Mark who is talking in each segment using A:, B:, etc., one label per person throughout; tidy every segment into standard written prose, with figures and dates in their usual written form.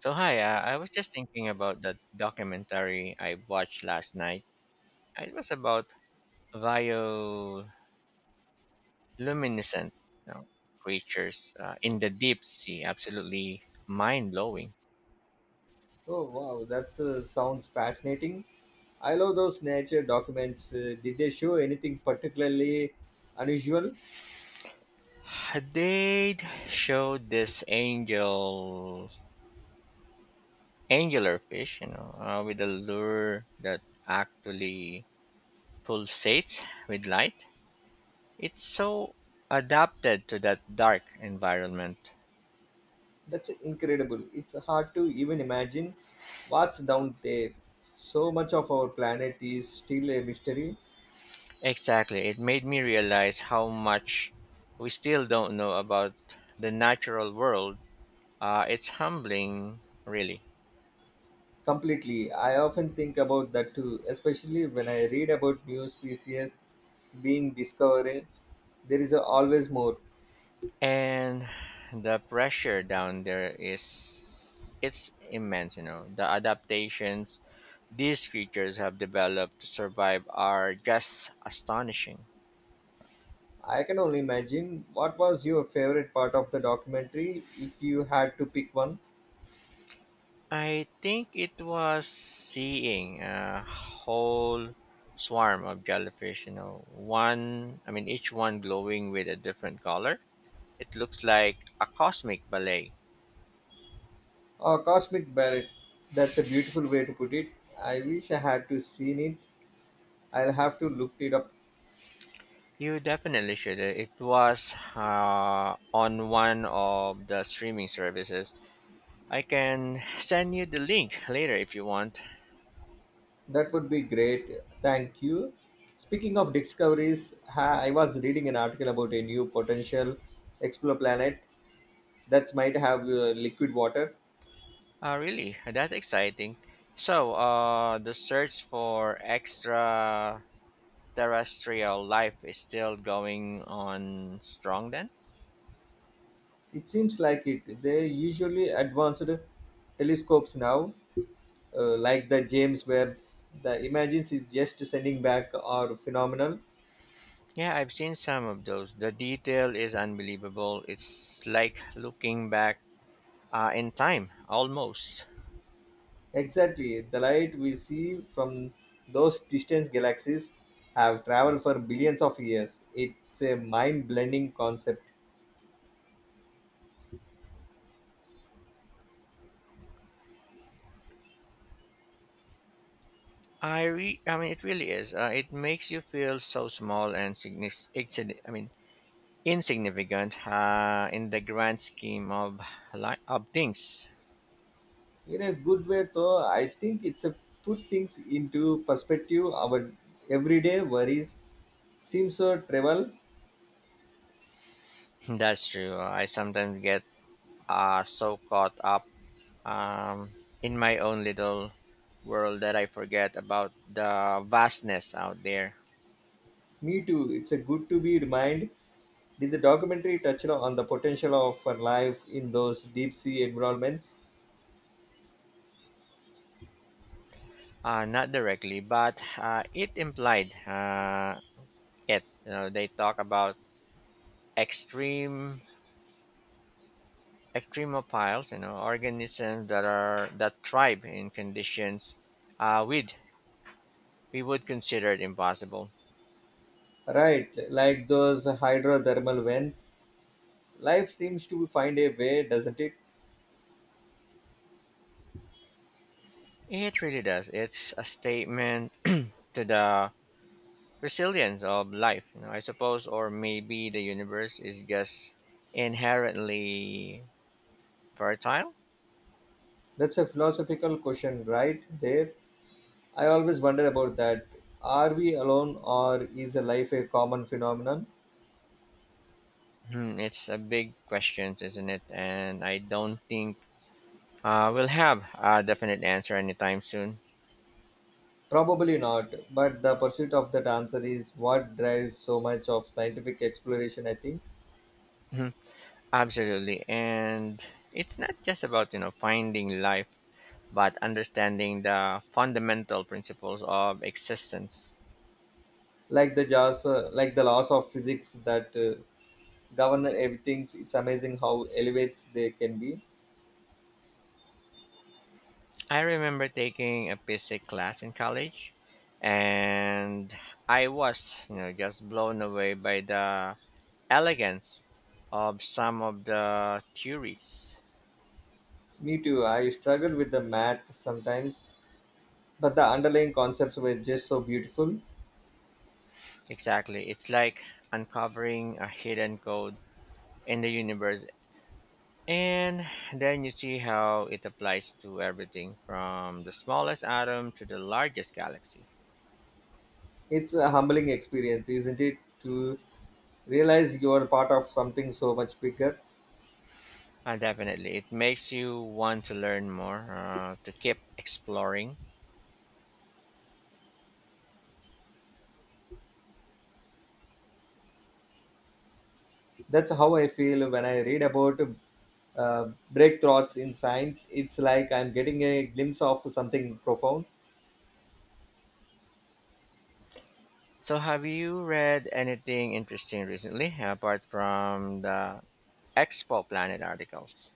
A: So hi, I was just thinking about that documentary I watched last night. It was about bioluminescent you know, creatures in the deep sea. Absolutely mind blowing.
B: Oh wow, that's sounds fascinating. I love those nature documents. Did they show anything particularly unusual?
A: They showed this angel angular fish, you know, with a lure that actually pulsates with light. It's so adapted to that dark environment.
B: That's incredible. It's hard to even imagine what's down there. So much of our planet is still a mystery.
A: Exactly. It made me realize how much we still don't know about the natural world. It's humbling, really.
B: Completely. I often think about that too, especially when I read about new species being discovered. There is always more.
A: And the pressure down there is it's immense, you know. The adaptations these creatures have developed to survive are just astonishing.
B: I can only imagine. What was your favorite part of the documentary if you had to pick one?
A: I think it was seeing a whole swarm of jellyfish, you know, one, I mean, each one glowing with a different color. It looks like a cosmic ballet.
B: A cosmic ballet. That's a beautiful way to put it. I wish I had to seen it. I'll have to look it up.
A: You definitely should. It was on one of the streaming services. I can send you the link later if you want.
B: That would be great. Thank you. Speaking of discoveries, I was reading an article about a new potential exoplanet that might have liquid water.
A: Really, that's exciting. So, the search for extraterrestrial life is still going on strong then?
B: It seems like it. They usually advanced telescopes now, like the James Webb. The images is just sending back are phenomenal.
A: Yeah, I've seen some of those. The detail is unbelievable. It's like looking back in time, almost.
B: Exactly, the light we see from those distant galaxies have traveled for billions of years. It's a mind-blending concept.
A: I mean, it really is. It makes you feel so small and I mean, insignificant in the grand scheme of of things.
B: In a good way though, I think it's a put things into perspective. Our everyday worries seems so trivial.
A: That's true. I sometimes get so caught up um, in my own little world that I forget about the vastness out there.
B: Me too. It's a good to be reminded. Did the documentary touch on the potential of for life in those deep sea environments?
A: Not directly, but it implied it. You know, they talk about extreme extremophiles, you know, organisms that thrive in conditions uh, we'd we would consider it impossible.
B: Right, like those hydrothermal vents. Life seems to find a way, doesn't it?
A: It really does. It's a statement to the resilience of life, you know, I suppose, or maybe the universe is just inherently fertile.
B: That's a philosophical question right there. I always wonder about that. Are we alone or is a life a common phenomenon?
A: Hmm, it's a big question, isn't it? And I don't think we'll have a definite answer anytime soon.
B: Probably not, but the pursuit of that answer is what drives so much of scientific exploration, I think.
A: Absolutely. And it's not just about, you know, finding life, but understanding the fundamental principles of existence.
B: Like the jars, like the laws of physics that govern everything, it's amazing how elevates they can be.
A: I remember taking a physics class in college and I was, you know, just blown away by the elegance of some of the theories.
B: Me too, I struggle with the math sometimes, but the underlying concepts were just so beautiful.
A: Exactly. It's like uncovering a hidden code in the universe. And then you see how it applies to everything from the smallest atom to the largest galaxy.
B: It's a humbling experience, isn't it? To realize you are part of something so much bigger.
A: Definitely. It makes you want to learn more, to keep exploring.
B: That's how I feel when I read about uh, breakthroughs in science. It's like I'm getting a glimpse of something profound.
A: So, have you read anything interesting recently apart from the Expo Planet articles?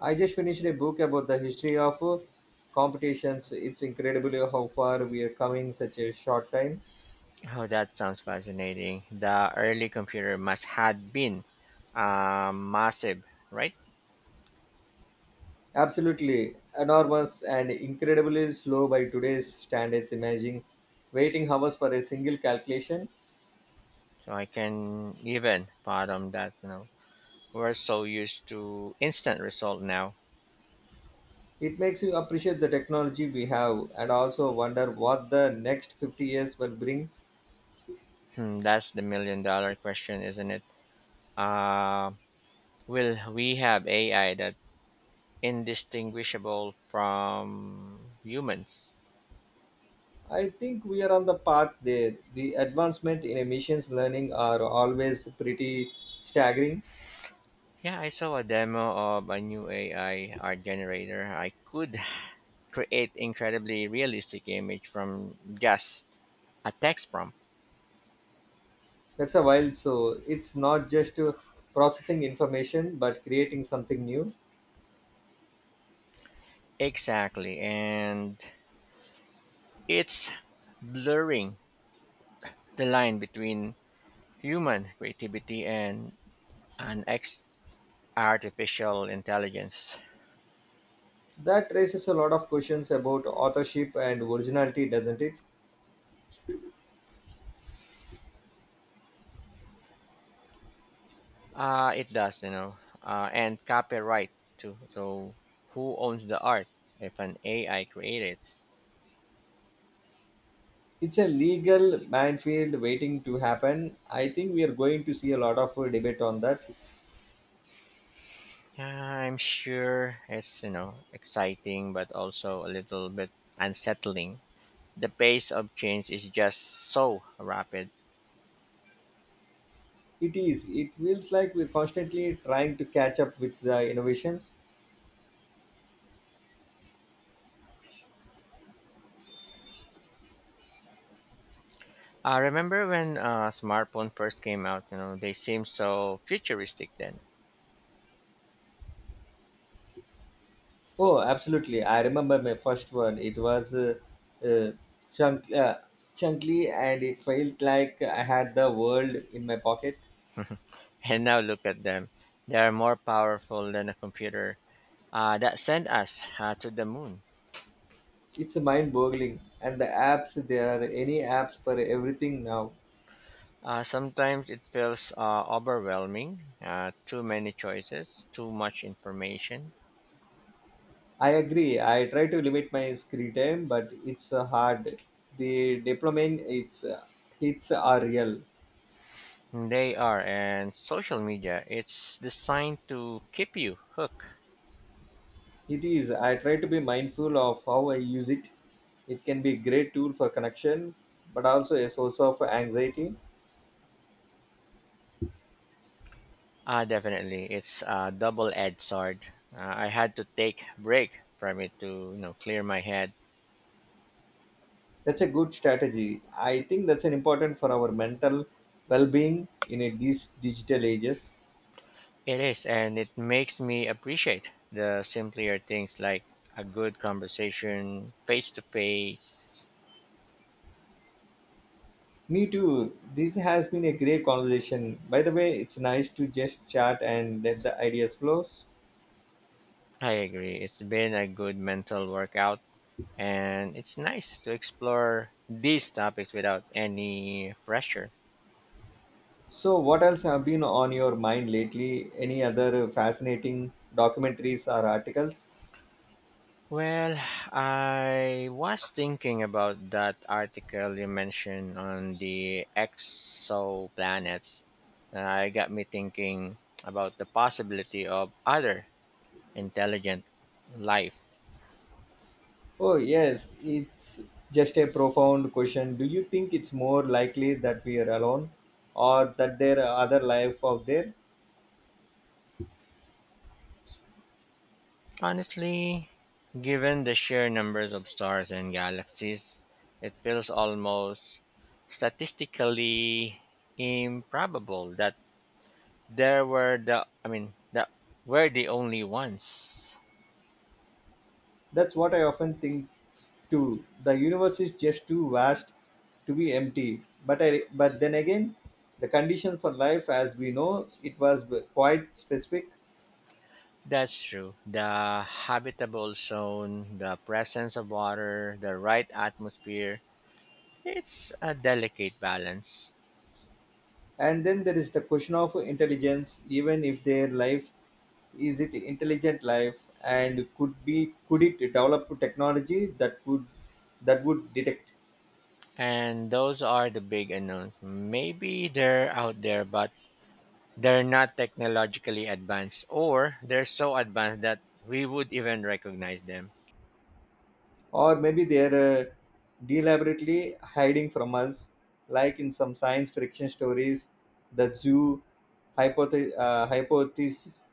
B: I just finished a book about the history of competitions. It's incredible how far we are coming such a short time.
A: Oh, that sounds fascinating. The early computer must had been massive, right?
B: Absolutely enormous and incredibly slow by today's standards. Imagine waiting hours for a single calculation.
A: So I can even fathom that, you know. We're so used to instant result now.
B: It makes you appreciate the technology we have and also wonder what the next 50 years will bring.
A: Hmm, that's the million-dollar question, isn't it? Uh, will we have AI that indistinguishable from humans?
B: I think we are on the path there. The advancement in emissions learning are always pretty staggering.
A: Yeah, I saw a demo of a new AI art generator. I could create incredibly realistic image from just a text prompt.
B: That's a while, so it's not just processing information but creating something new.
A: Exactly, and it's blurring the line between human creativity and an ex- artificial intelligence.
B: That raises a lot of questions about authorship and originality, doesn't it?
A: It does, you know, and copyright too. So who owns the art if an AI creates?
B: It's a legal minefield waiting to happen. I think we are going to see a lot of debate on that.
A: I'm sure it's you know exciting, but also a little bit unsettling. The pace of change is just so rapid.
B: It is. It feels like we're constantly trying to catch up with the innovations.
A: Remember when smartphone first came out? You know, they seemed so futuristic then.
B: Oh, absolutely. I remember my first one. It was uh, chunk, uh, chunky and it felt like I had the world in my pocket.
A: And now look at them. They are more powerful than a computer that sent us to the moon.
B: It's mind boggling. And the apps, there are any apps for everything now.
A: Sometimes it feels overwhelming, too many choices, too much information.
B: I agree. I try to limit my screen time, but it's hard. The dopamine it's hits are real.
A: They are, and social media, it's designed to keep you hooked.
B: It is. I try to be mindful of how I use it. It can be a great tool for connection, but also a source of anxiety.
A: Definitely, it's a double-edged sword. I had to take break from it to you know clear my head.
B: That's a good strategy. I think that's an important for our mental well-being in these digital ages.
A: It is, and it makes me appreciate the simpler things like a good conversation, face to face.
B: Me too. This has been a great conversation. By the way, it's nice to just chat and let the ideas flow.
A: I agree. It's been a good mental workout and it's nice to explore these topics without any pressure.
B: So, what else have been on your mind lately? Any other fascinating documentaries or articles?
A: Well, I was thinking about that article you mentioned on the exoplanets. I got me thinking about the possibility of other intelligent life.
B: Oh, yes, it's just a profound question. Do you think it's more likely that we are alone or that there are other life out there?
A: Honestly, given the sheer numbers of stars and galaxies, it feels almost statistically improbable that There were the I mean that were the only ones.
B: That's what I often think too. The universe is just too vast to be empty. But but then again, the condition for life as we know it was quite specific.
A: That's true. The habitable zone, the presence of water, the right atmosphere. It's a delicate balance.
B: And then there is the question of intelligence, even if their life is, it intelligent life, and could it develop technology that would detect?
A: And those are the big unknowns. Maybe they're out there, but they're not technologically advanced, or they're so advanced that we would even recognize them.
B: Or maybe they're deliberately hiding from us, like in some science fiction stories, the zoo hypothesis.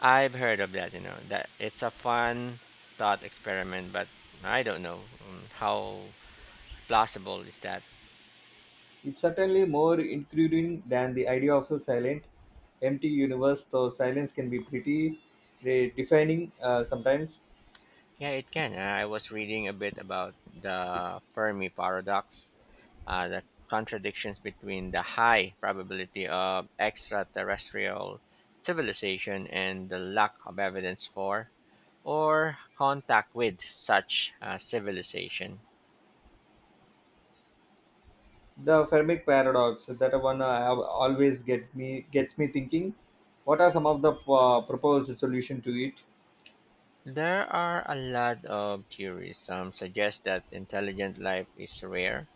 A: I've heard of that, you know, that it's a fun thought experiment, but I don't know how plausible is that.
B: It's certainly more intriguing than the idea of a silent empty universe, though silence can be pretty defining sometimes.
A: Yeah, it can. I was reading a bit about the fermi paradox, the contradictions between the high probability of extraterrestrial civilization and the lack of evidence for or contact with such civilization.
B: The fermic paradox, that one have always gets me thinking. What are some of the proposed solution to it?
A: There are a lot of theories. Some suggest that intelligent life is rare,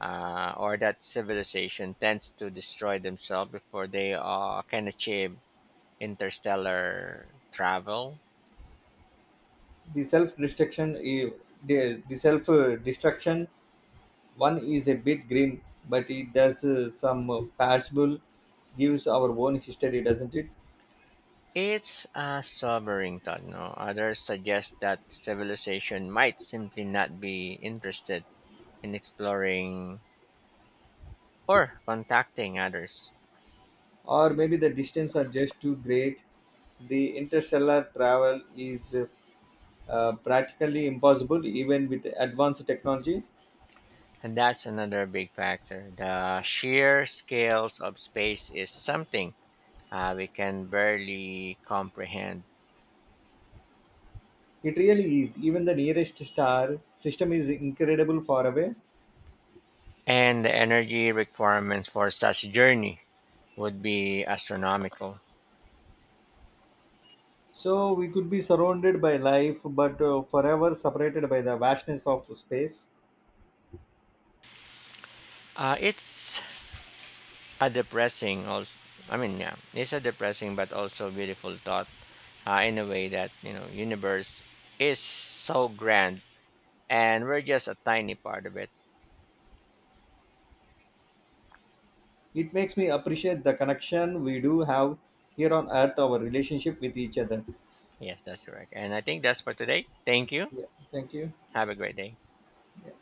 A: or that civilization tends to destroy themselves before they can achieve interstellar travel.
B: The self destruction the, the self destruction one is a bit grim, but it does some passable gives our own history, doesn't it?
A: It's a sobering thought. No? Others suggest that civilization might simply not be interested in exploring or contacting others.
B: Or maybe the distance are just too great. The interstellar travel is practically impossible even with advanced technology.
A: And that's another big factor. The sheer scales of space is something we can barely comprehend.
B: It really is. Even the nearest star system is incredible far away.
A: And the energy requirements for such journey would be astronomical.
B: So we could be surrounded by life, but forever separated by the vastness of space.
A: It's a depressing also I mean yeah it's a depressing but also beautiful thought in a way that you know universe is so grand and we're just a tiny part of it.
B: It makes me appreciate the connection we do have here on Earth, our relationship with each other.
A: Yes, that's correct and I think that's for today. Thank you.
B: Yeah, thank you.
A: Have a great day.
B: Yeah.